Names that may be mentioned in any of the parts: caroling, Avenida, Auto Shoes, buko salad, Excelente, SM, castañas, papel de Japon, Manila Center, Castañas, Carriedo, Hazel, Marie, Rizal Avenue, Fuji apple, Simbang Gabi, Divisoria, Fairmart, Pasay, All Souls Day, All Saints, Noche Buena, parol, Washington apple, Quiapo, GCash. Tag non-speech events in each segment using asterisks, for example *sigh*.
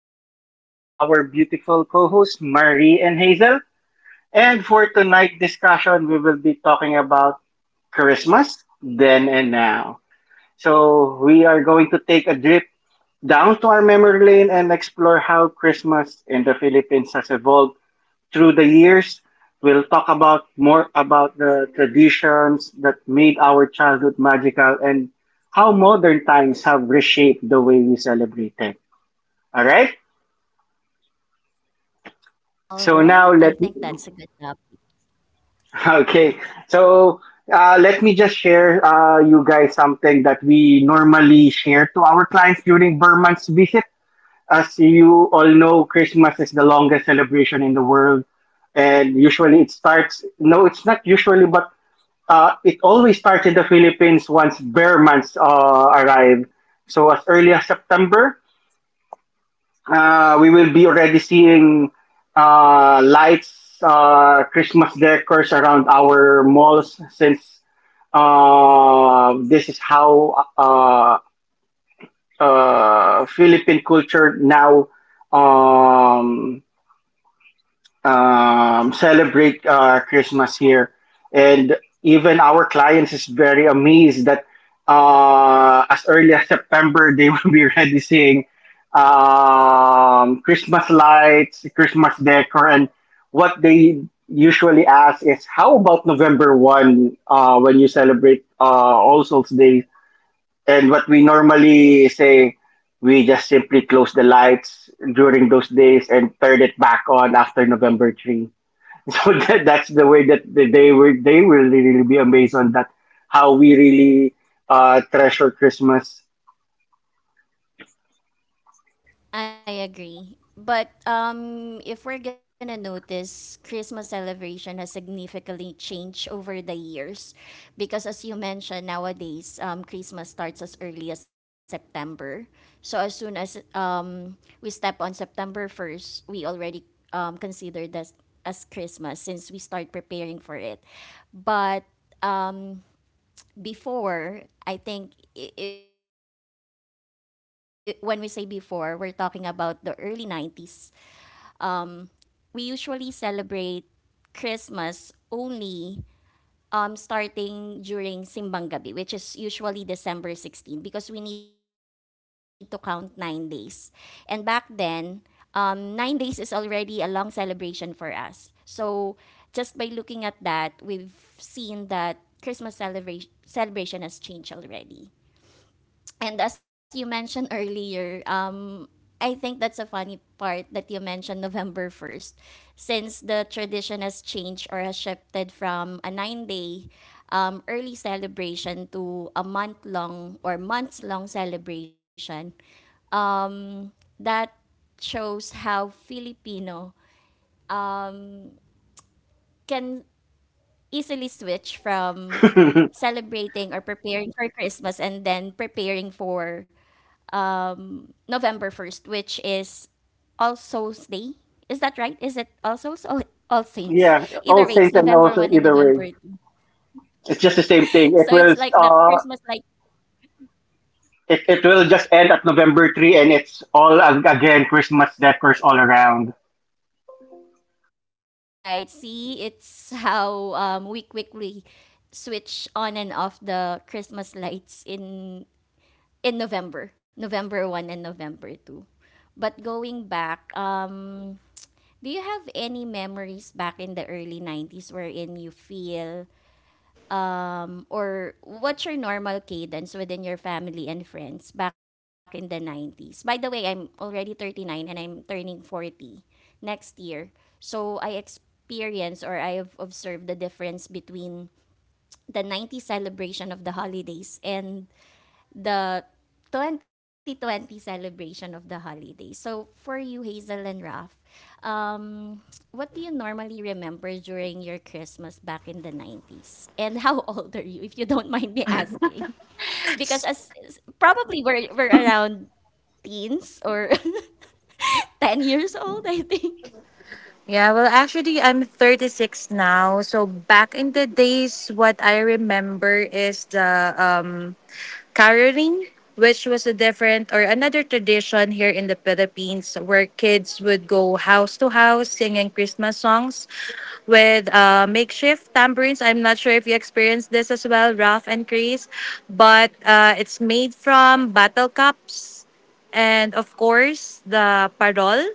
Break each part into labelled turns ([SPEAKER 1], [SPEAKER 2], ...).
[SPEAKER 1] session with our beautiful co hosts, Marie and Hazel. And for tonight's discussion, we will be talking about Christmas, then and now. So we are going to take a trip down to our memory lane and explore how Christmas in the Philippines has evolved through the years. We'll talk about more about the traditions that made our childhood magical and how modern times have reshaped the way we celebrate it. All right? So
[SPEAKER 2] All
[SPEAKER 1] now let
[SPEAKER 2] right,
[SPEAKER 1] me,
[SPEAKER 2] I think that's a good topic.
[SPEAKER 1] *laughs* okay. So let me just share you guys something that we normally share to our clients during Burman's visit. As you all know, Christmas is the longest celebration in the world, and usually it starts. No, it's not usually, but it always starts in the Philippines once bear months arrive. So as early as September, we will be already seeing lights, Christmas decors around our malls since this is how Philippine culture now. Um, celebrate Christmas here. And even our clients is very amazed that as early as September, they *laughs* will be already seeing Christmas lights, Christmas decor, and what they usually ask is, how about November 1 when you celebrate All Souls Day? And what we normally say, we just simply close the lights during those days and turn it back on after November 3. So *laughs* that's the way that they will really be amazed on that how we really treasure Christmas.
[SPEAKER 2] I agree. But if we're gonna notice, Christmas celebration has significantly changed over the years, because as you mentioned, nowadays Christmas starts as early as September. So as soon as we step on September first, we already consider this as Christmas since we start preparing for it. But before, I think I when we say before, we're talking about the early 90s we usually celebrate Christmas only starting during Simbang Gabi, which is usually December 16, because we need to count 9 days. And back then, 9 days is already a long celebration for us. So just by looking at that, we've seen that Christmas celebration has changed already. And as you mentioned earlier, I think that's a funny part that you mentioned November 1st, since the tradition has changed or has shifted from a 9 day early celebration to a month long or months long celebration. That shows how Filipino can easily switch from
[SPEAKER 1] *laughs*
[SPEAKER 2] celebrating or preparing for Christmas and then preparing for November 1st, which is All Souls Day. Is that right? Is it All Souls or All Saints?
[SPEAKER 1] Yeah, all
[SPEAKER 2] Either way, it's
[SPEAKER 1] saints, and
[SPEAKER 2] November
[SPEAKER 1] also
[SPEAKER 2] 1 and
[SPEAKER 1] either way,
[SPEAKER 2] November 2nd. *laughs*
[SPEAKER 1] it's just the same thing. It
[SPEAKER 2] So
[SPEAKER 1] will
[SPEAKER 2] it's like the Christmas like
[SPEAKER 1] it will just end at November three, and it's all again Christmas decors all around.
[SPEAKER 2] right. See, it's how we quickly switch on and off the Christmas lights in November, November 1st and November 2nd. But going back, do you have any memories back in the early 90s wherein you feel or what's your normal cadence within your family and friends back in the 90s? By the way, I'm already 39 and I'm turning 40 next year. So I experience or I have observed the difference between the 90s celebration of the holidays and the 2020 celebration of the holiday. So for you, Hazel and Raf, um, what do you normally remember during your Christmas back in the 90s? And how *laughs* old are you, if you don't mind me asking? *laughs* Because probably we're around teens or *laughs* 10 years old, I think.
[SPEAKER 3] Yeah, well, actually, I'm 36 now. So back in the days, what I remember is the caroling, which was a different or another tradition here in the Philippines where kids would go house to house singing Christmas songs with makeshift tambourines. I'm not sure if you experienced this as well, Ralph and Chris, but it's made from bottle cups and, of course, the parol.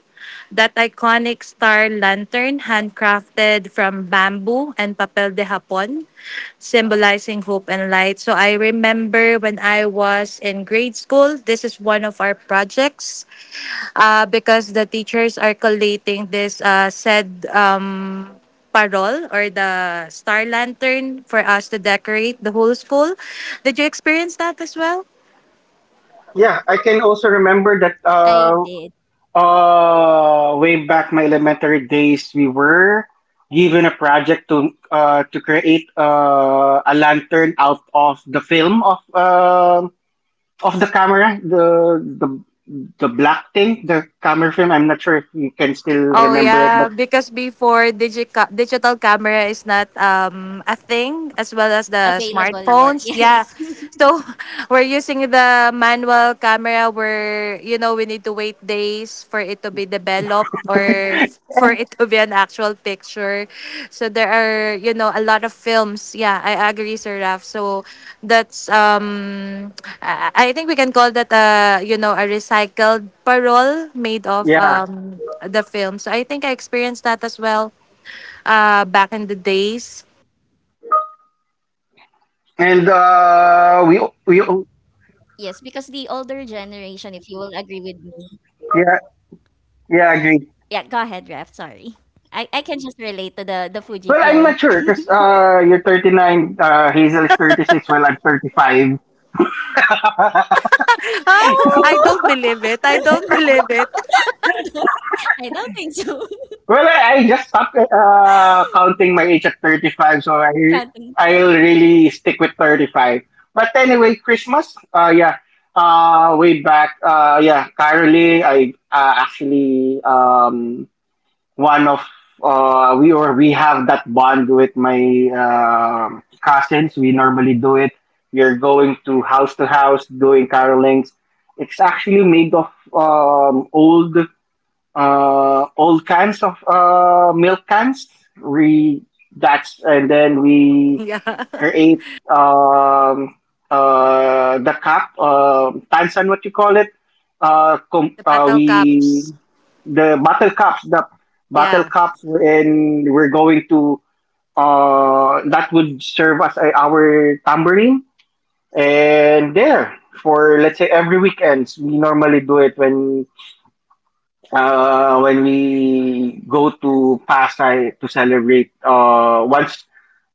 [SPEAKER 3] That iconic star lantern, handcrafted from bamboo and papel de Japon, symbolizing hope and light. So I remember when I was in grade school, this is one of our projects because the teachers are collating this said parol or the star lantern for us to decorate the whole school. Did you experience that as well?
[SPEAKER 1] Yeah, I can also remember that.
[SPEAKER 2] I did.
[SPEAKER 1] Way back my elementary days, we were given a project to create a lantern out of the film of the camera, the black thing, the camera film. I'm not sure if you can still
[SPEAKER 3] Oh
[SPEAKER 1] remember it,
[SPEAKER 3] yeah,
[SPEAKER 1] but
[SPEAKER 3] because before digital camera is not a thing as well as the
[SPEAKER 2] Available yet, *laughs*
[SPEAKER 3] smartphones. Yeah.
[SPEAKER 2] yes.
[SPEAKER 3] So *laughs* we're using the manual camera where we need to wait days for it to be developed or for it to be an actual picture. So there are a lot of films. Yeah, I agree, Sir Raf. So that's I think we can call that a recycled parole made of
[SPEAKER 1] yeah.
[SPEAKER 3] the film. So I think I experienced that as well back in the days.
[SPEAKER 2] Yes, because
[SPEAKER 1] And
[SPEAKER 2] the older
[SPEAKER 1] we
[SPEAKER 2] generation, if you
[SPEAKER 1] we
[SPEAKER 2] will agree with me, yeah, go ahead,
[SPEAKER 1] yeah,
[SPEAKER 2] Ref. Sorry. I,
[SPEAKER 1] yeah,
[SPEAKER 2] I can
[SPEAKER 1] agree.
[SPEAKER 2] just relate to the Fuji film.
[SPEAKER 1] Well, I'm not sure because you're 39, Hazel is 36, well, I'm 35. *laughs*
[SPEAKER 3] *laughs* I
[SPEAKER 2] Oh!
[SPEAKER 3] don't believe
[SPEAKER 2] *laughs*
[SPEAKER 3] it. I don't believe it.
[SPEAKER 2] I don't
[SPEAKER 3] *laughs*
[SPEAKER 2] I don't think so.
[SPEAKER 1] Well, I just stopped counting my age at 35, so
[SPEAKER 2] *laughs*
[SPEAKER 1] I
[SPEAKER 2] Counting
[SPEAKER 1] I'll really stick with 35. But anyway, Christmas, yeah, way back, yeah, caroling. I actually one of we or we have that bond with my cousins. We normally do it. We are going to house doing carolings. It's actually made of old cans of milk cans. We That's, and then we
[SPEAKER 3] Yeah.
[SPEAKER 1] create the cup, tansan, what you call it. Com-
[SPEAKER 3] The Battle
[SPEAKER 1] we
[SPEAKER 3] Cups.
[SPEAKER 1] the battle cups,
[SPEAKER 3] Yeah.
[SPEAKER 1] and we're going to that would serve as our tambourine. And there for let's say every weekends, we normally do it when we go to Pasay to celebrate once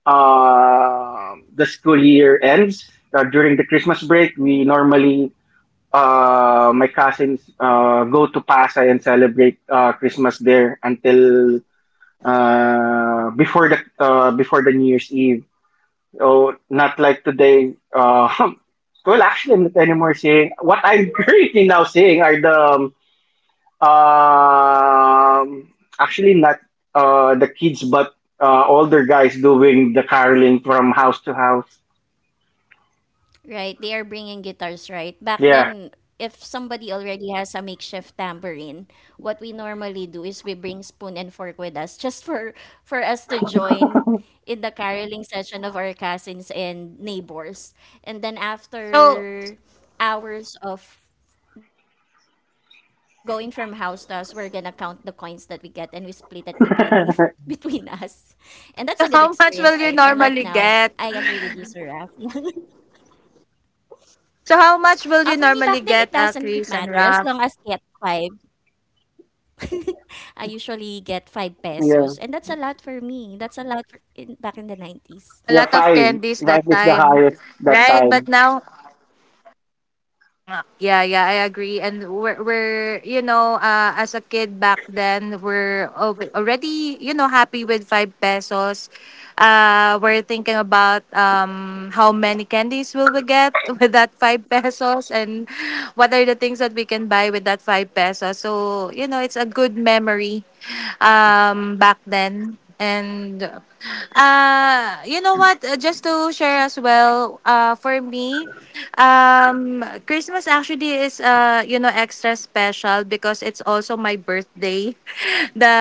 [SPEAKER 1] the school year ends during the Christmas break, we normally my cousins go to Pasay and celebrate Christmas there until before the New Year's Eve. So not like today. *laughs* Well, actually, I'm not anymore saying what I'm *laughs* currently now saying are the um, actually, not the kids, but older guys doing the caroling from house to house.
[SPEAKER 2] right, they are bringing guitars, right? Back
[SPEAKER 1] Yeah,
[SPEAKER 2] then, if somebody already has a makeshift tambourine, what we normally do is we bring spoon and fork with us just *laughs* for us to join in the caroling session of our cousins and neighbors. And then
[SPEAKER 3] So,
[SPEAKER 2] after hours of going from house to house, we're gonna count the coins that we get and we split it between *laughs* between
[SPEAKER 1] *laughs*
[SPEAKER 2] us. And that's a good experience, right?
[SPEAKER 3] so
[SPEAKER 2] Unlike
[SPEAKER 3] how much
[SPEAKER 2] now,
[SPEAKER 3] will you
[SPEAKER 2] I agree
[SPEAKER 3] normally
[SPEAKER 2] with you, Sir
[SPEAKER 3] get?
[SPEAKER 2] Raf. *laughs*
[SPEAKER 3] So
[SPEAKER 2] Ah, for
[SPEAKER 3] how
[SPEAKER 2] me
[SPEAKER 3] much
[SPEAKER 2] back
[SPEAKER 3] will
[SPEAKER 2] then
[SPEAKER 3] you
[SPEAKER 2] it
[SPEAKER 3] normally
[SPEAKER 2] doesn't
[SPEAKER 3] get,
[SPEAKER 2] matter
[SPEAKER 3] uh,
[SPEAKER 2] as long
[SPEAKER 3] Chris
[SPEAKER 2] as
[SPEAKER 3] and
[SPEAKER 2] get
[SPEAKER 3] Raf?
[SPEAKER 2] 5. I usually get 5 pesos and that's
[SPEAKER 1] yeah,
[SPEAKER 2] a lot for me. That's a lot for in back in the 90s.
[SPEAKER 3] A
[SPEAKER 1] yeah.
[SPEAKER 3] lot of
[SPEAKER 1] Five,
[SPEAKER 3] candies
[SPEAKER 1] five
[SPEAKER 3] that
[SPEAKER 1] is the
[SPEAKER 3] time,
[SPEAKER 1] highest that
[SPEAKER 3] right?
[SPEAKER 1] time.
[SPEAKER 3] But now. Yeah, yeah, I agree. And we're as a kid back then, we're already happy with 5 pesos. We're thinking about how many candies will we get *laughs* with that 5 pesos and what are the things that we can buy with that 5 pesos. So it's a good memory back then. And you know what? Just to share as well, for me, Christmas actually is extra special because it's also my birthday. *laughs* The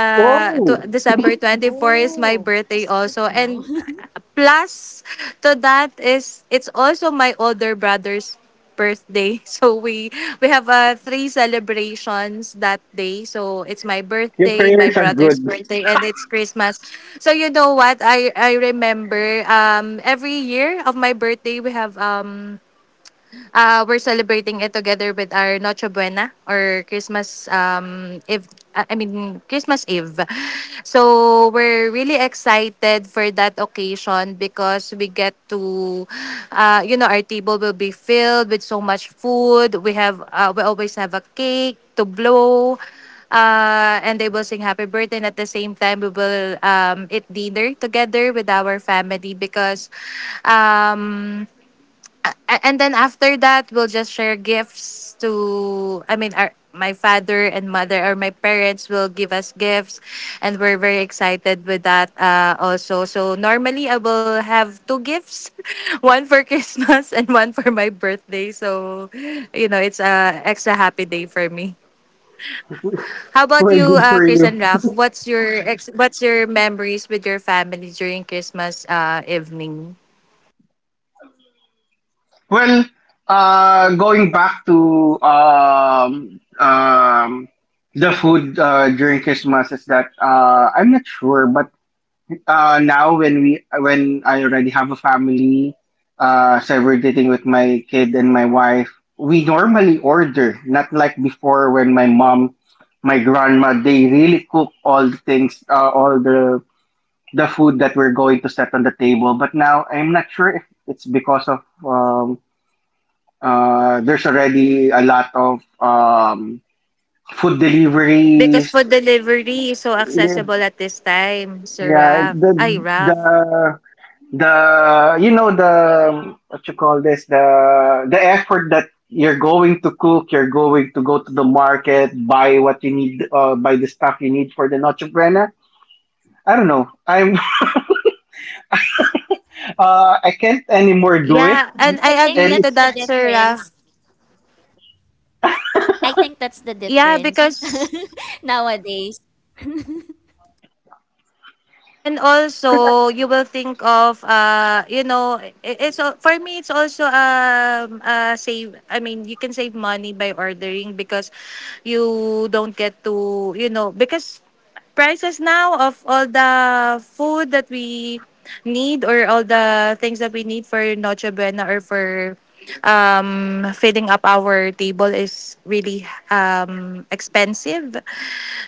[SPEAKER 1] Oh,
[SPEAKER 3] December 24 is my
[SPEAKER 2] Oh,
[SPEAKER 3] birthday
[SPEAKER 2] that's
[SPEAKER 3] also,
[SPEAKER 2] good to
[SPEAKER 3] and
[SPEAKER 2] know. *laughs*
[SPEAKER 3] plus to that is it's also my older brother's birthday. *laughs* So we have three celebrations that day. So it's my
[SPEAKER 1] your
[SPEAKER 3] birthday, my
[SPEAKER 1] parents are good.
[SPEAKER 3] brother's birthday, and it's Christmas. So you know what? I remember every year of my birthday we're celebrating it together with our Noche Buena or Christmas Eve. I mean Christmas Eve. So we're really excited for that occasion because we get to, our table will be filled with so much food. We always have a cake to blow. And they will sing Happy Birthday. And at the same time, we will eat dinner together with our family because um, and then after that we'll just share gifts to, I mean, our my father and mother, or my parents will give us gifts, and we're very excited with that also. So normally I will have two gifts *laughs* one for Christmas, and *laughs* one for my birthday. So it's a extra happy day for me. How about
[SPEAKER 1] Well,
[SPEAKER 3] you,
[SPEAKER 1] good for
[SPEAKER 3] Chris
[SPEAKER 1] you.
[SPEAKER 3] and Ralph? What's your memories with your family during Christmas evening?
[SPEAKER 1] Well, going back to the food during Christmas is that I'm not sure, but now when I already have a family, so we're dating with my kid and my wife, we normally order, not like before when my mom, my grandma, they really cook all the things, all the food that we're going to set on the table. But now I'm not sure if it's because of there's already a lot of food
[SPEAKER 3] Because
[SPEAKER 1] deliveries.
[SPEAKER 3] food delivery is so
[SPEAKER 1] Yeah,
[SPEAKER 3] accessible at this time, Sir
[SPEAKER 1] yeah,
[SPEAKER 3] Raf. Ay, Raf.
[SPEAKER 1] the you know the what you call this, the effort that you're going to cook, you're going to go to the market, buy what you need, buy the stuff you need for the noche buena. I don't know. I'm *laughs* I can't anymore do it.
[SPEAKER 3] Yeah, and
[SPEAKER 2] I
[SPEAKER 3] I
[SPEAKER 2] think
[SPEAKER 3] agree
[SPEAKER 1] And
[SPEAKER 2] that's
[SPEAKER 3] to
[SPEAKER 1] it's
[SPEAKER 2] the
[SPEAKER 3] that, Sir Raf.
[SPEAKER 2] difference. I think that's the
[SPEAKER 3] Yeah,
[SPEAKER 2] difference
[SPEAKER 3] because.
[SPEAKER 2] *laughs* nowadays. *laughs*
[SPEAKER 3] And
[SPEAKER 1] cause,
[SPEAKER 3] also, you will think of, for me, it's also save. I mean, you can save money by ordering because you don't get to, because prices now of all the food that we need or all the things that we need for Noche Buena or for filling up our table is really expensive.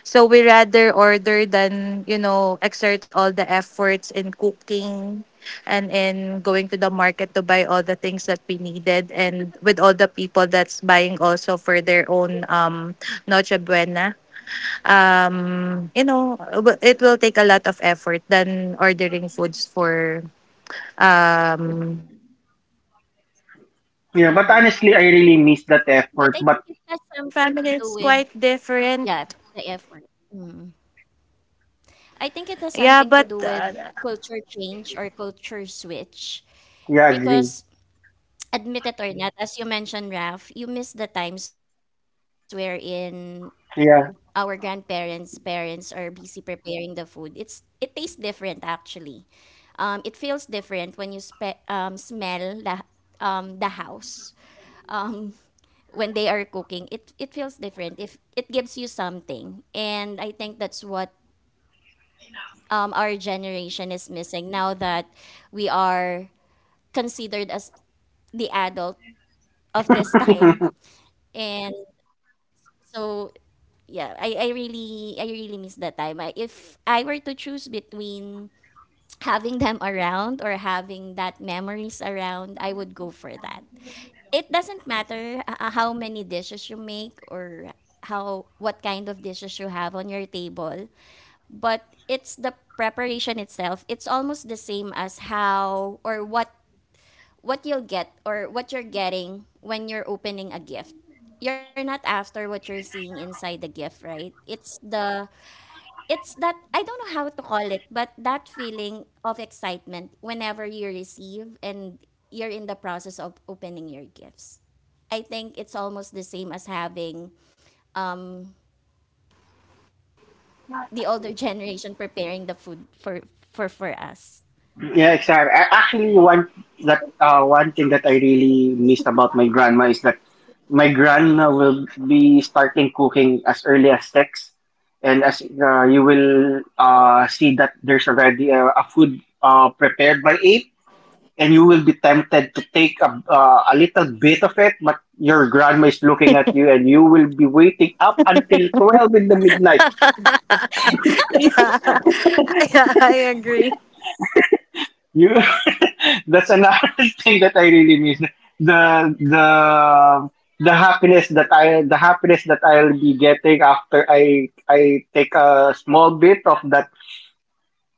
[SPEAKER 3] So we rather order than exert all the efforts in cooking and in going to the market to buy all the things that we needed, and with all the people that's buying also for their own Noche Buena. It will take a lot of effort than ordering foods for Christmas Eve.
[SPEAKER 1] yeah, but
[SPEAKER 2] Mhm.
[SPEAKER 1] honestly I
[SPEAKER 3] But
[SPEAKER 1] really miss that
[SPEAKER 3] for
[SPEAKER 2] But
[SPEAKER 1] effort,
[SPEAKER 2] I
[SPEAKER 1] but
[SPEAKER 2] think it
[SPEAKER 3] us
[SPEAKER 2] has
[SPEAKER 3] in our
[SPEAKER 2] something to
[SPEAKER 3] family
[SPEAKER 2] do
[SPEAKER 3] it's
[SPEAKER 2] with
[SPEAKER 3] quite different,
[SPEAKER 2] yeah, the effort. Mm. I think it has
[SPEAKER 3] yeah,
[SPEAKER 2] something to
[SPEAKER 3] but
[SPEAKER 2] do with culture change or culture switch
[SPEAKER 1] yeah, I agree.
[SPEAKER 2] because admit it or not, as you mentioned, Raf, you miss the times wherein our
[SPEAKER 1] Yeah.
[SPEAKER 2] grandparents, parents are busy preparing the food. It tastes different actually. It feels different when you smell the house. Um, *laughs* when they are cooking, it feels different. If it gives you something, and I think that's what our generation is missing now that we are considered as the adult of this *laughs* time and so yeah, I really miss that time. If I were to choose between *tsk* having them around or having that memories around, I would go for that. It doesn't matter how many dishes you make or how what kind of dishes you have on your table, but it's the preparation itself. It's almost the same as how or what you'll get or what you're getting when you're opening a gift. You're not after what you're seeing inside the gift, right? It's that I don't know how to call it, but that feeling of excitement whenever you receive and you're in the process of opening your gifts. I think it's almost the same as having um, the older *laughs* generation preparing the food for us.
[SPEAKER 1] Yeah, exactly. I actually one thing that I really missed about my grandma is that my grandma will be starting cooking as early as 6, and as you will see that there's already a food prepared by 8, and you will be tempted to take a little bit of it, but your grandma is looking at you, and you will be waiting up until 12 in the midnight.
[SPEAKER 3] *laughs* Yeah. *laughs* Yeah, I agree.
[SPEAKER 1] You. *laughs* That's another *laughs* thing that I really miss. The the the happiness that I'll be getting after I take a small bit of that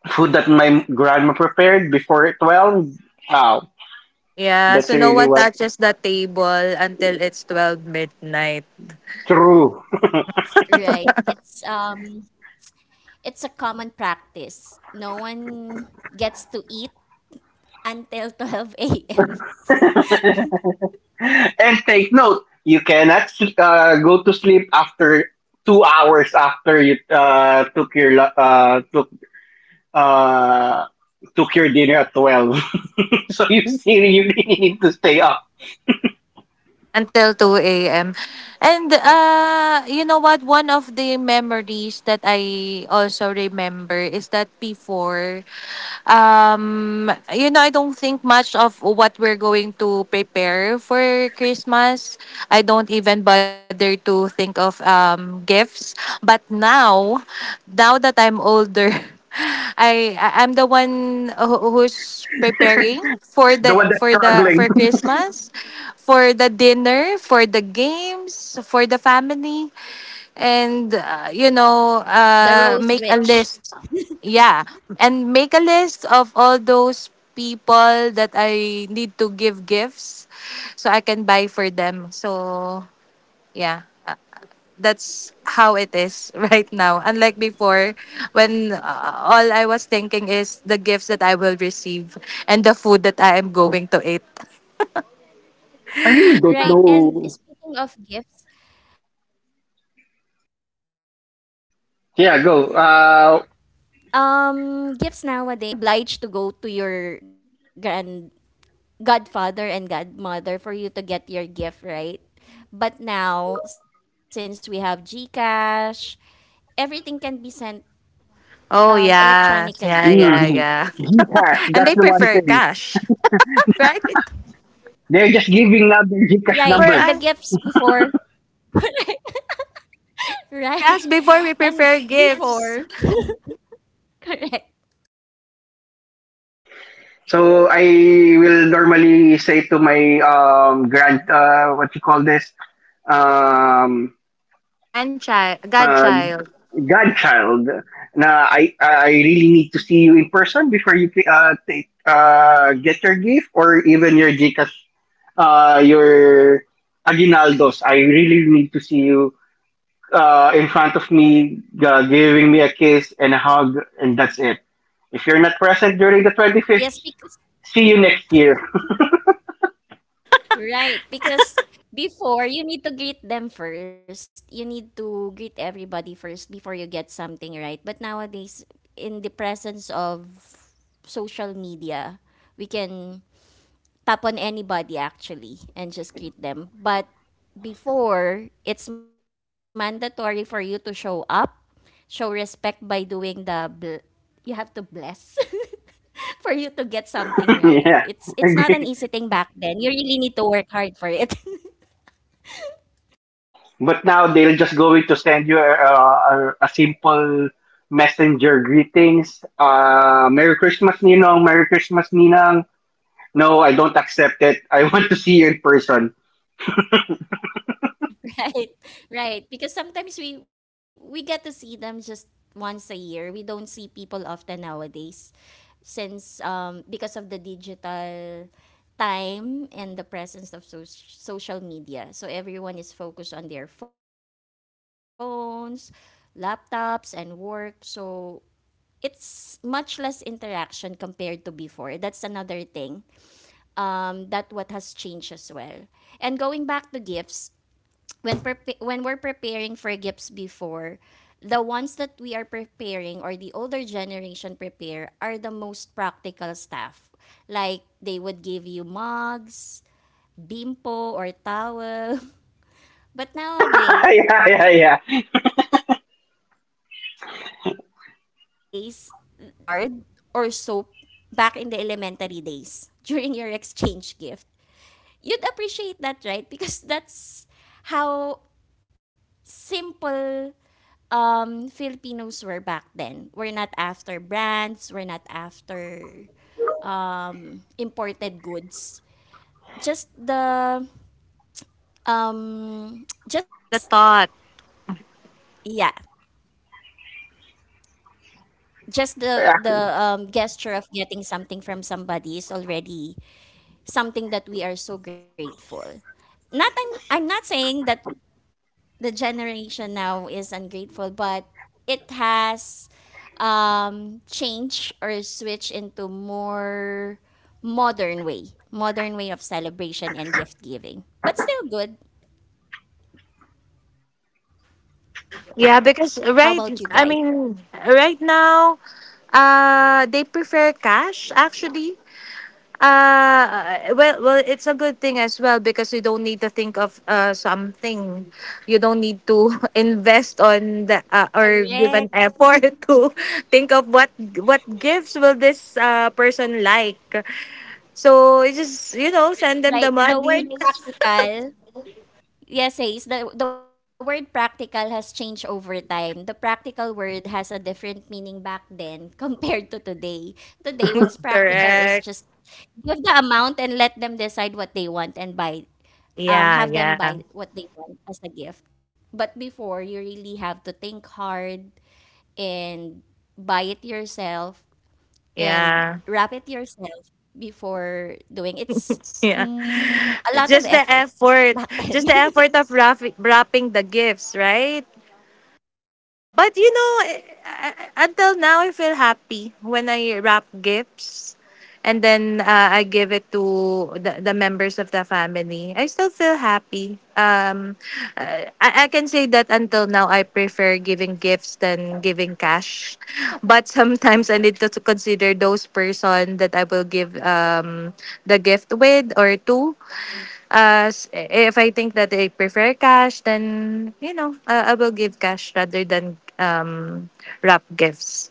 [SPEAKER 1] food that my grandma prepared before 12. Wow,
[SPEAKER 3] Yeah,
[SPEAKER 1] that's
[SPEAKER 3] so no
[SPEAKER 1] really
[SPEAKER 3] one
[SPEAKER 1] what
[SPEAKER 3] touches the table until it's 12 midnight.
[SPEAKER 1] true.
[SPEAKER 2] Right. It's a common practice. No one gets to eat until *laughs* 12 a.m.
[SPEAKER 1] *laughs* And take note, you cannot go to sleep after 2 hours after you uh, took your dinner at 12. *laughs* So you really need to stay up.
[SPEAKER 3] Until 2 a.m. And you know what? One of the memories that I also remember is that before, I don't think much of what we're going to prepare for Christmas. I don't even bother to think of gifts. But now, now that I'm older, *laughs* I'm the one who's preparing for
[SPEAKER 1] The one
[SPEAKER 3] the
[SPEAKER 1] that's
[SPEAKER 3] for the
[SPEAKER 1] struggling.
[SPEAKER 3] for Christmas, for the dinner, for the games, for the family, and
[SPEAKER 2] The
[SPEAKER 3] make a
[SPEAKER 2] Rose
[SPEAKER 3] list.
[SPEAKER 2] Witch.
[SPEAKER 3] Yeah, and make a list of all those people that I need to give gifts, so I can buy for them. So yeah. That's how
[SPEAKER 2] And
[SPEAKER 3] it
[SPEAKER 2] speaking
[SPEAKER 3] is *laughs*
[SPEAKER 2] of
[SPEAKER 3] right
[SPEAKER 2] gifts,
[SPEAKER 3] now. Unlike before, when all I was thinking is the gifts that I will receive and the food that I am going to eat.
[SPEAKER 1] *laughs* I really don't
[SPEAKER 2] right,
[SPEAKER 1] know.
[SPEAKER 2] and speaking of gifts, gifts nowadays
[SPEAKER 1] Yeah,
[SPEAKER 2] is
[SPEAKER 1] go.
[SPEAKER 2] different compared to before. You're you're obliged to go to your grand godfather and godmother for you to get your gift, right? But now, since we have GCash, everything can be sent
[SPEAKER 3] Oh,
[SPEAKER 2] electronically.
[SPEAKER 3] yeah. Yeah, yeah,
[SPEAKER 1] Mm,
[SPEAKER 3] yeah.
[SPEAKER 1] Gcash,
[SPEAKER 3] *laughs* And
[SPEAKER 1] that's
[SPEAKER 3] they
[SPEAKER 1] the one
[SPEAKER 3] prefer
[SPEAKER 1] thing.
[SPEAKER 3] cash, *laughs* right?
[SPEAKER 1] They're just giving out their
[SPEAKER 2] Right. And
[SPEAKER 1] Gcash
[SPEAKER 2] the
[SPEAKER 3] For
[SPEAKER 1] number.
[SPEAKER 2] gifts
[SPEAKER 3] us,
[SPEAKER 2] before. *laughs* Right.
[SPEAKER 3] for us before we
[SPEAKER 2] And
[SPEAKER 3] prefer
[SPEAKER 2] before.
[SPEAKER 3] gifts.
[SPEAKER 2] *laughs* Correct.
[SPEAKER 1] So I will normally say to my grand what you call this um
[SPEAKER 3] Grandchild,
[SPEAKER 1] uh
[SPEAKER 3] godchild,
[SPEAKER 1] godchild, na I really need to see you in person before you take get your gift or even your Gcash, your aguinaldos. I really need to see you in front of me, giving me a kiss and a hug, and that's it. If you're not present during the 25th,
[SPEAKER 2] Yes, because
[SPEAKER 1] see you next year.
[SPEAKER 2] right, because before you need to greet them first. You need to greet everybody first before you get something right. But nowadays in the presence of social media, we can tap on anybody actually and just greet them. But before, it's mandatory for you to show up, show respect by doing you have to bless *laughs* for you to get something
[SPEAKER 1] *laughs*
[SPEAKER 2] right.
[SPEAKER 1] Yeah,
[SPEAKER 2] It's not an
[SPEAKER 1] agree.
[SPEAKER 2] easy thing back then. You really need to work hard for it. *laughs*
[SPEAKER 1] But now they're just going to send you a simple messenger greetings. Merry Christmas, Ninong. Merry Christmas, Ninang. No, I don't accept it. I *laughs* want to see you in person.
[SPEAKER 2] Right, *laughs* right. Because sometimes we get to see them just once a year. We don't see people often nowadays, since because of the digital time and the presence of social media. So everyone is focused on their phones, laptops, and work. So it's much less interaction compared to before. That's another thing. That what has changed as well. And going back to gifts, when we're preparing for gifts before, the ones that we are preparing or the older generation prepare are the most practical stuff. Like they would give you mugs, bimpo or towel. *laughs*
[SPEAKER 1] *laughs*
[SPEAKER 2] But
[SPEAKER 1] Yeah,
[SPEAKER 2] nowadays,
[SPEAKER 1] yeah, yeah.
[SPEAKER 2] that's still around. Sometimes have you received safeguard or soap back in the elementary days *laughs* during your exchange gift? You'd appreciate that, right? Because that's how simple Filipinos were back then. We're not after brands, we're not after imported goods. Just the
[SPEAKER 3] the
[SPEAKER 2] just
[SPEAKER 3] thought.
[SPEAKER 2] yeah, just the
[SPEAKER 1] I,
[SPEAKER 2] the gesture of getting something from somebody is already something that we are so grateful. Not I'm, I'm not saying that the generation now is ungrateful, but it has changed or switched into more modern way of celebration and gift giving. But still good.
[SPEAKER 3] Yeah, because
[SPEAKER 2] How about
[SPEAKER 3] right,
[SPEAKER 2] you guys?
[SPEAKER 3] I mean, right now, they prefer cash actually. Well, it's a good thing as well because you don't need to think of something. You don't need to *laughs* invest on the or give an
[SPEAKER 2] Correct.
[SPEAKER 3] effort *laughs* to think of what gifts will this person like. So you just send them the
[SPEAKER 2] Right. The
[SPEAKER 3] money.
[SPEAKER 2] word
[SPEAKER 3] *laughs*
[SPEAKER 2] practical yes, Ace. The word practical has changed over time. The practical word has a different meaning back then *laughs* compared to today. Today, what's practical is
[SPEAKER 3] Correct.
[SPEAKER 2] just give the amount and let them decide what they want and buy,
[SPEAKER 3] Yeah,
[SPEAKER 2] have them
[SPEAKER 3] yeah,
[SPEAKER 2] buy what they want as a gift. But before, you really have to think hard and buy it yourself and
[SPEAKER 3] yeah,
[SPEAKER 2] wrap it yourself before doing it's
[SPEAKER 3] *laughs* yeah.
[SPEAKER 2] a lot of
[SPEAKER 3] Just the
[SPEAKER 2] effort
[SPEAKER 3] effort,
[SPEAKER 2] back
[SPEAKER 3] just
[SPEAKER 2] then.
[SPEAKER 3] the effort of wrapping the gifts, right? But you know, until now I feel happy when I wrap gifts, and then I give it to the members of the family. I still feel happy. I can say that until now I prefer giving gifts than giving cash. But sometimes I need to consider those person that I will give the gift with or to. As if I think that they prefer cash, then I will give cash rather than wrap gifts.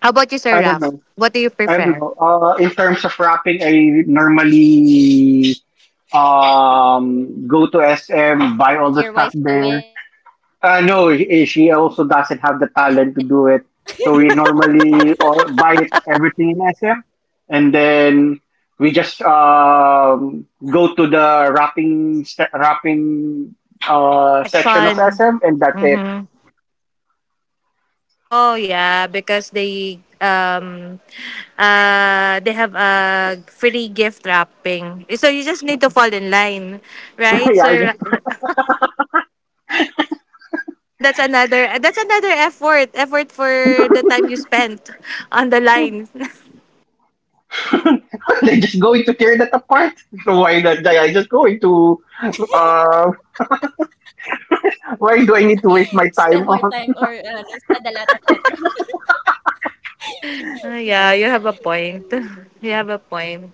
[SPEAKER 3] How about you, Sir
[SPEAKER 1] I don't
[SPEAKER 3] Raf?
[SPEAKER 1] know.
[SPEAKER 3] What do you
[SPEAKER 1] I don't
[SPEAKER 3] prefer?
[SPEAKER 1] know. In terms of rapping, I normally go to SM, buy
[SPEAKER 2] *laughs*
[SPEAKER 1] all the
[SPEAKER 2] Let your
[SPEAKER 1] stuff
[SPEAKER 2] wife do
[SPEAKER 1] there.
[SPEAKER 2] it.
[SPEAKER 1] No, eh, she also doesn't have the talent to do it. So we normally all buy it, everything in SM, and then we just go to the wrapping section of
[SPEAKER 3] Section.
[SPEAKER 1] SM, and that's it.
[SPEAKER 3] Mm-hmm. Oh yeah, because they have a free gift wrapping. So you just need to fall in line, right,
[SPEAKER 1] *laughs* Yeah, I
[SPEAKER 3] sir?
[SPEAKER 1] just,
[SPEAKER 3] So that's another effort for the time you spent on the line. *laughs*
[SPEAKER 1] *laughs* they're just going to tear that apart. So why not? I just going to. Uh, why do I need to waste my
[SPEAKER 2] Spend more
[SPEAKER 1] time
[SPEAKER 2] time or
[SPEAKER 1] on?
[SPEAKER 2] ano, spend a lot of effort. *laughs*
[SPEAKER 3] Ah,
[SPEAKER 2] Right.
[SPEAKER 3] yeah, you have a point. *laughs* You have a point.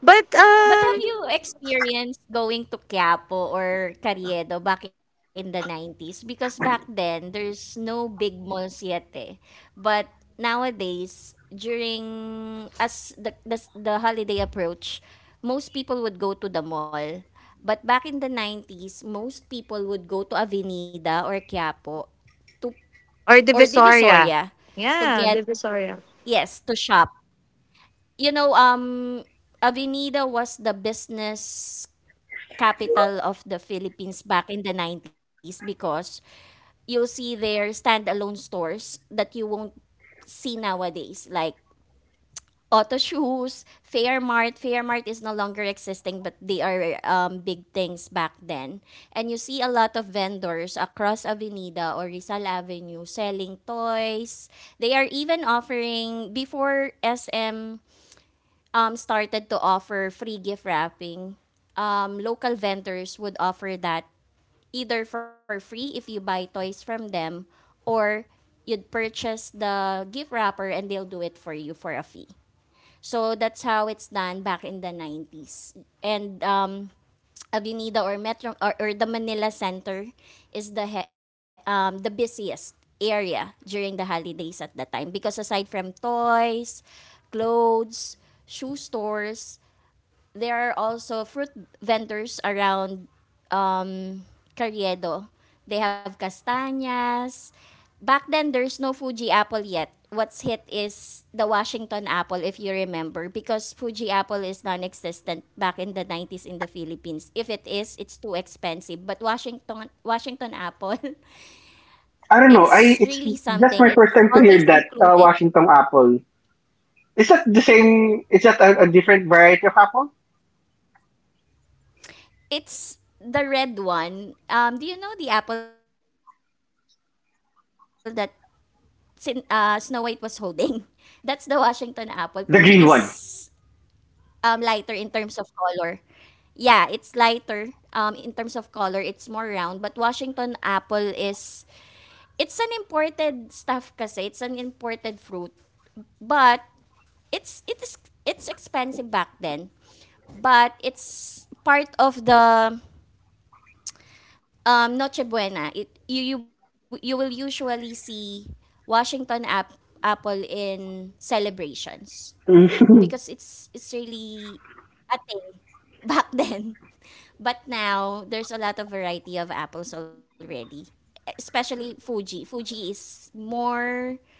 [SPEAKER 3] But
[SPEAKER 2] But have you experienced going to Quiapo or Carriedo back in the 90s? Because back then, there's no big malls yet eh. But nowadays, during as the holiday approach, most people would go to the mall. But back in the 90s, most people would go to Avenida or Quiapo to
[SPEAKER 3] or
[SPEAKER 2] or
[SPEAKER 3] Divisoria.
[SPEAKER 2] Divisoria to
[SPEAKER 3] Yeah,
[SPEAKER 2] get
[SPEAKER 3] Divisoria.
[SPEAKER 2] yes, to shop. you know, um, Avenida was the business capital of the Philippines back in the 90s because you'll see their standalone stores that you won't see nowadays, like Auto Shoes, Fairmart. Fairmart is no longer existing, but they are big things back then. And you see a lot of vendors across Avenida or Rizal Avenue selling toys. They are even offering, before SM started to offer free gift wrapping, local vendors would offer that either for free if you buy toys from them or you'd purchase the gift wrapper and they'll do it for you for a fee. So that's how it's done back in the 90s. And Avenida or Metro or the Manila Center is the busiest area during the holidays at that time because aside from toys, clothes, shoe stores, there are also fruit vendors around um, Carriedo. They have castañas. Back then, there's no Fuji apple yet. What's hit is the Washington apple, if you remember, because Fuji apple is non existent back in the 90s in the Philippines. If it is, it's too expensive. But Washington apple,
[SPEAKER 1] I
[SPEAKER 2] *laughs*
[SPEAKER 1] don't know. I
[SPEAKER 2] it's
[SPEAKER 1] It's
[SPEAKER 2] really
[SPEAKER 1] just my
[SPEAKER 2] something.
[SPEAKER 1] first
[SPEAKER 2] It's
[SPEAKER 1] time to hear
[SPEAKER 2] always
[SPEAKER 1] that
[SPEAKER 2] included.
[SPEAKER 1] Washington apple. Is that the same? Is that a different variety of apple?
[SPEAKER 2] It's the red one. Do you know the apple that Snow White was holding. *laughs* That's the Washington apple. Fuji is
[SPEAKER 1] The green one. *laughs*
[SPEAKER 2] lighter in terms of color. Yeah, it's lighter in terms of color. It's more round. But Washington apple it's an imported stuff kasi. It's an imported fruit. But it's, it is, it's expensive back then. But it's part of the Noche Buena, you will usually see Washington apple in celebrations
[SPEAKER 1] Mhm.
[SPEAKER 2] because it's really a thing *laughs* back then. But now there's a lot of variety of apples already, especially Fuji. Fuji is more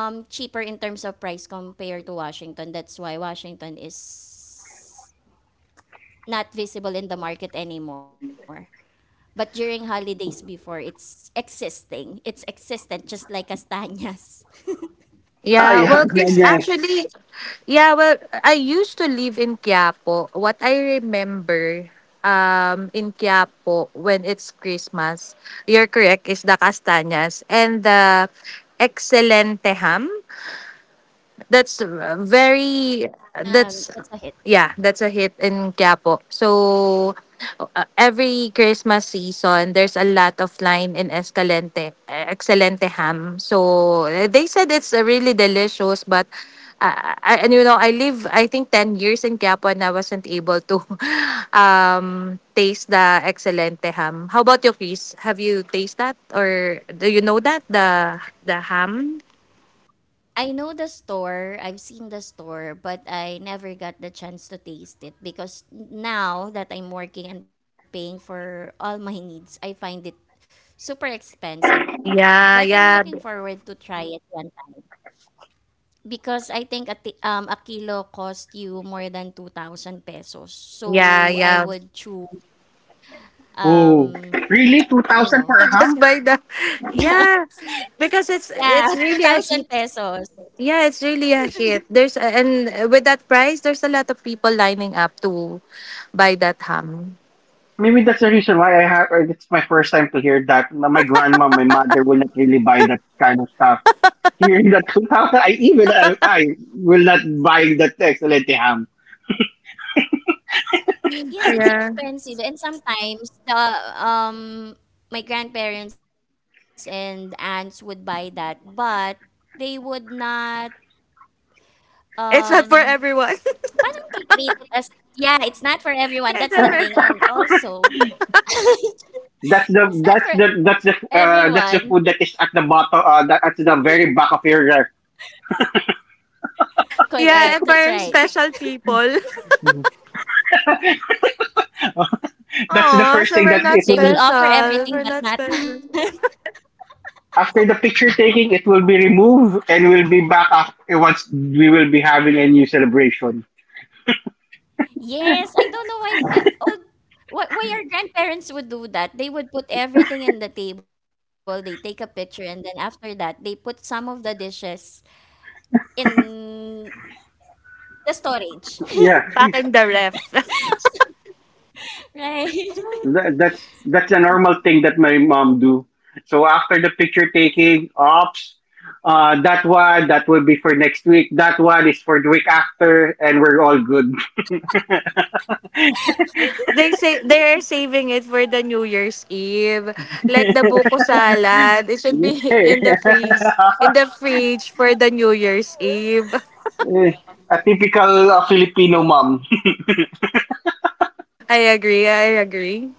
[SPEAKER 2] cheaper in terms of price compared to Washington. That's why Washington is not visible in the market anymore. But during holidays before, it's existing. It's existent, just like Castañas. *laughs*
[SPEAKER 1] Ah,
[SPEAKER 3] Yeah,
[SPEAKER 1] yeah.
[SPEAKER 3] well, Chris,
[SPEAKER 1] Yes.
[SPEAKER 3] actually, yeah, well, I used to live in Quiapo. What I remember in Quiapo when it's Christmas, you're correct, is the castañas and the excelente ham. That's very
[SPEAKER 2] Yeah,
[SPEAKER 3] that's
[SPEAKER 2] that's a hit.
[SPEAKER 3] Yeah, that's a hit in Quiapo. So every Christmas season, there's a lot of line in Excelente ham. So they said it's really delicious, but I, and you know, I think 10 years in Quiapo, and I wasn't able to *laughs* taste the Excelente ham. How about you, Chris? Have you tasted that, or do you know that the ham?
[SPEAKER 2] I know the store, I've seen the store, but I never got the chance to taste it because now that I'm working and paying for all my needs, I find it super expensive. But I'm looking
[SPEAKER 3] Yeah,
[SPEAKER 2] forward to
[SPEAKER 3] yeah.
[SPEAKER 2] try it one time because I think a kilo cost you more than 2,000 pesos. So I
[SPEAKER 3] Yeah,
[SPEAKER 2] would
[SPEAKER 3] yeah.
[SPEAKER 2] choose, um,
[SPEAKER 1] Oh, really? Two
[SPEAKER 2] you know,
[SPEAKER 1] thousand for a
[SPEAKER 3] *laughs* Just
[SPEAKER 1] ham?
[SPEAKER 2] *laughs*
[SPEAKER 3] by the, yeah,
[SPEAKER 2] yeah, *laughs*
[SPEAKER 3] because
[SPEAKER 2] two
[SPEAKER 3] it's
[SPEAKER 2] thousand
[SPEAKER 3] it's really a
[SPEAKER 2] pesos.
[SPEAKER 3] hit. Yeah, it's really a hit. There's, and with that price, there's a lot of people lining up to buy that ham.
[SPEAKER 1] Maybe that's the reason why I have. Or it's my first time to hear that. My grandma, my mother will not really buy that kind of stuff. Hearing that *laughs* 2,000, I will not buy that excellent ham.
[SPEAKER 2] Yes, it's
[SPEAKER 3] Yeah,
[SPEAKER 2] expensive and sometimes um, my grandparents and aunts would buy that, but they would not,
[SPEAKER 3] it's
[SPEAKER 2] um,
[SPEAKER 3] not for everyone.
[SPEAKER 2] *tsk* paano they treat it as yeah, it's not for everyone,
[SPEAKER 3] *laughs*
[SPEAKER 2] that's
[SPEAKER 3] It's
[SPEAKER 2] the
[SPEAKER 3] not
[SPEAKER 1] *laughs*
[SPEAKER 2] thing,
[SPEAKER 3] for,
[SPEAKER 2] and also, *laughs* that's not for everyone.
[SPEAKER 1] That's the food that is at the bottom, at the very back of your rack.
[SPEAKER 2] Correct,
[SPEAKER 3] yeah, and
[SPEAKER 2] that's
[SPEAKER 3] for
[SPEAKER 2] right.
[SPEAKER 3] special people. *laughs*
[SPEAKER 1] *laughs* That's the
[SPEAKER 3] Oh,
[SPEAKER 1] first
[SPEAKER 3] so
[SPEAKER 1] thing
[SPEAKER 3] we're
[SPEAKER 1] that,
[SPEAKER 3] not
[SPEAKER 1] it
[SPEAKER 2] They will
[SPEAKER 1] will
[SPEAKER 2] offer
[SPEAKER 3] special.
[SPEAKER 2] everything
[SPEAKER 3] We're
[SPEAKER 2] but
[SPEAKER 3] not
[SPEAKER 2] not *laughs*
[SPEAKER 3] special.
[SPEAKER 1] after the picture taking, it will be removed and will be back up once we will be having a new celebration.
[SPEAKER 2] yes, I don't know why. Why our grandparents would do that? They would put everything in the table. They take a picture, and then after that, they put some of the dishes in the storage. *laughs*
[SPEAKER 1] Yeah,
[SPEAKER 3] Back in the ref. *laughs*
[SPEAKER 2] Right? *laughs*
[SPEAKER 1] that's a normal thing that my mom do. So after the picture taking, ops, that one that will be for next week. That one is for the week after, and we're all good.
[SPEAKER 3] They say they're saving it for the New Year's Eve. Like the buko salad, it should be
[SPEAKER 1] *laughs*
[SPEAKER 3] in the fridge for the New Year's Eve. *laughs*
[SPEAKER 1] Eh, a typical Filipino mom.
[SPEAKER 3] I agree, I agree.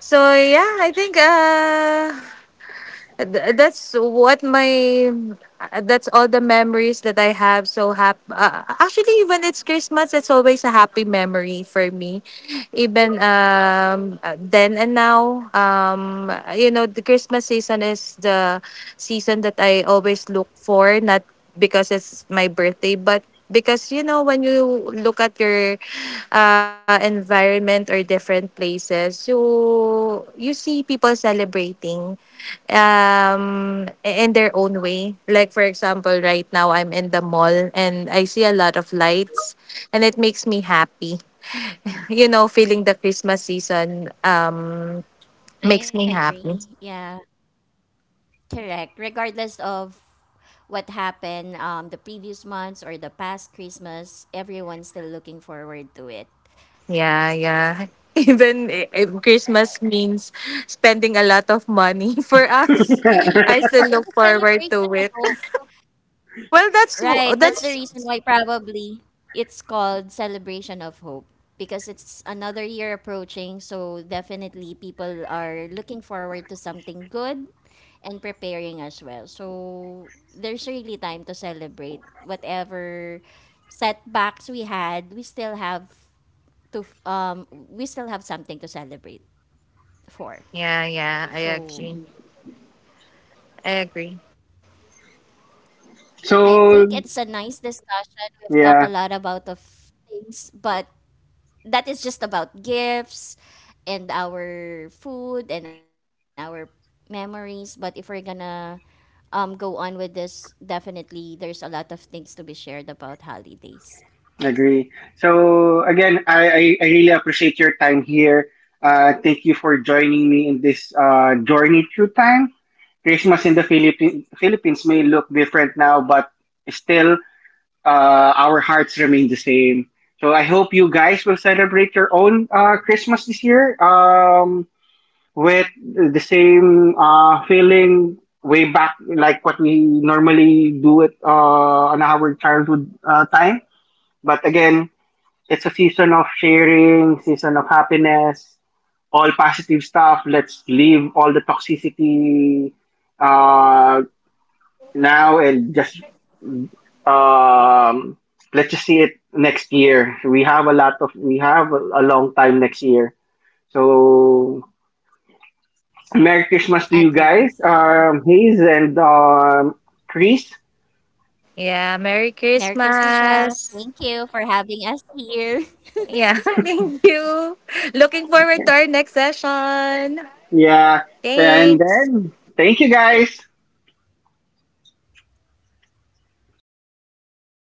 [SPEAKER 3] So yeah, I think Th- that's what my that's all the memories that I have, so happy. Actually, when it's Christmas it's always a happy memory for me, even then and now. The Christmas season is the season that I always look for, not because it's my birthday, but because when you look at your environment or different places, you see people celebrating in their own way. Like, for example, right now I'm in the mall and I see a lot of lights and it makes me happy. *laughs* Feeling the Christmas season
[SPEAKER 2] I
[SPEAKER 3] makes me happy.
[SPEAKER 2] agree. Yeah, correct. Regardless of what happened, the previous months or the past Christmas, everyone's still looking forward to it.
[SPEAKER 3] Yeah, yeah. *laughs* Even if Christmas means spending a lot of money *laughs* for us,
[SPEAKER 1] *laughs*
[SPEAKER 3] I still
[SPEAKER 2] It's
[SPEAKER 3] look
[SPEAKER 2] a
[SPEAKER 3] forward to
[SPEAKER 2] celebration
[SPEAKER 3] it.
[SPEAKER 2] of
[SPEAKER 3] *laughs* Well, that's
[SPEAKER 2] right, that's the reason
[SPEAKER 3] that's
[SPEAKER 2] why probably it's called Celebration of Hope because it's another year approaching, so definitely people are looking forward to something good and preparing as well. So there's really time to celebrate whatever setbacks we had, we still have to we still have something to celebrate for.
[SPEAKER 3] yeah, yeah, I
[SPEAKER 2] So
[SPEAKER 3] agree, I agree.
[SPEAKER 2] I think
[SPEAKER 1] So
[SPEAKER 2] it's a nice discussion. We've talked
[SPEAKER 1] yeah,
[SPEAKER 2] a lot about of things, but that is just about gifts and our food and our memories. But if we're gonna go on with this, definitely there's a lot of things to be shared about holidays.
[SPEAKER 1] agree. So again, I really appreciate your time here. Thank you for joining me in this journey through time. Christmas in the Philippines may look different now, but still, our hearts remain the same. So I hope you guys will celebrate your own Christmas this year. With the same feeling way back, like what we normally do it on our childhood time. But again, it's a season of sharing, season of happiness, all positive stuff. Let's leave all the toxicity uh, now and just um, let's just see it next year. We have a long time next year, so Merry Christmas to you
[SPEAKER 2] Agree.
[SPEAKER 1] guys,
[SPEAKER 2] Yeah.
[SPEAKER 1] Hayes and Chris.
[SPEAKER 3] Yeah, Merry
[SPEAKER 2] Merry Christmas, Ralph.
[SPEAKER 3] Christmas.
[SPEAKER 2] Thank you for having us here.
[SPEAKER 3] Yeah, *laughs* thank you. Looking forward to our next session.
[SPEAKER 1] Yeah, and
[SPEAKER 3] Thanks.
[SPEAKER 1] then thank you guys.
[SPEAKER 2] *laughs* Thanks, everybody.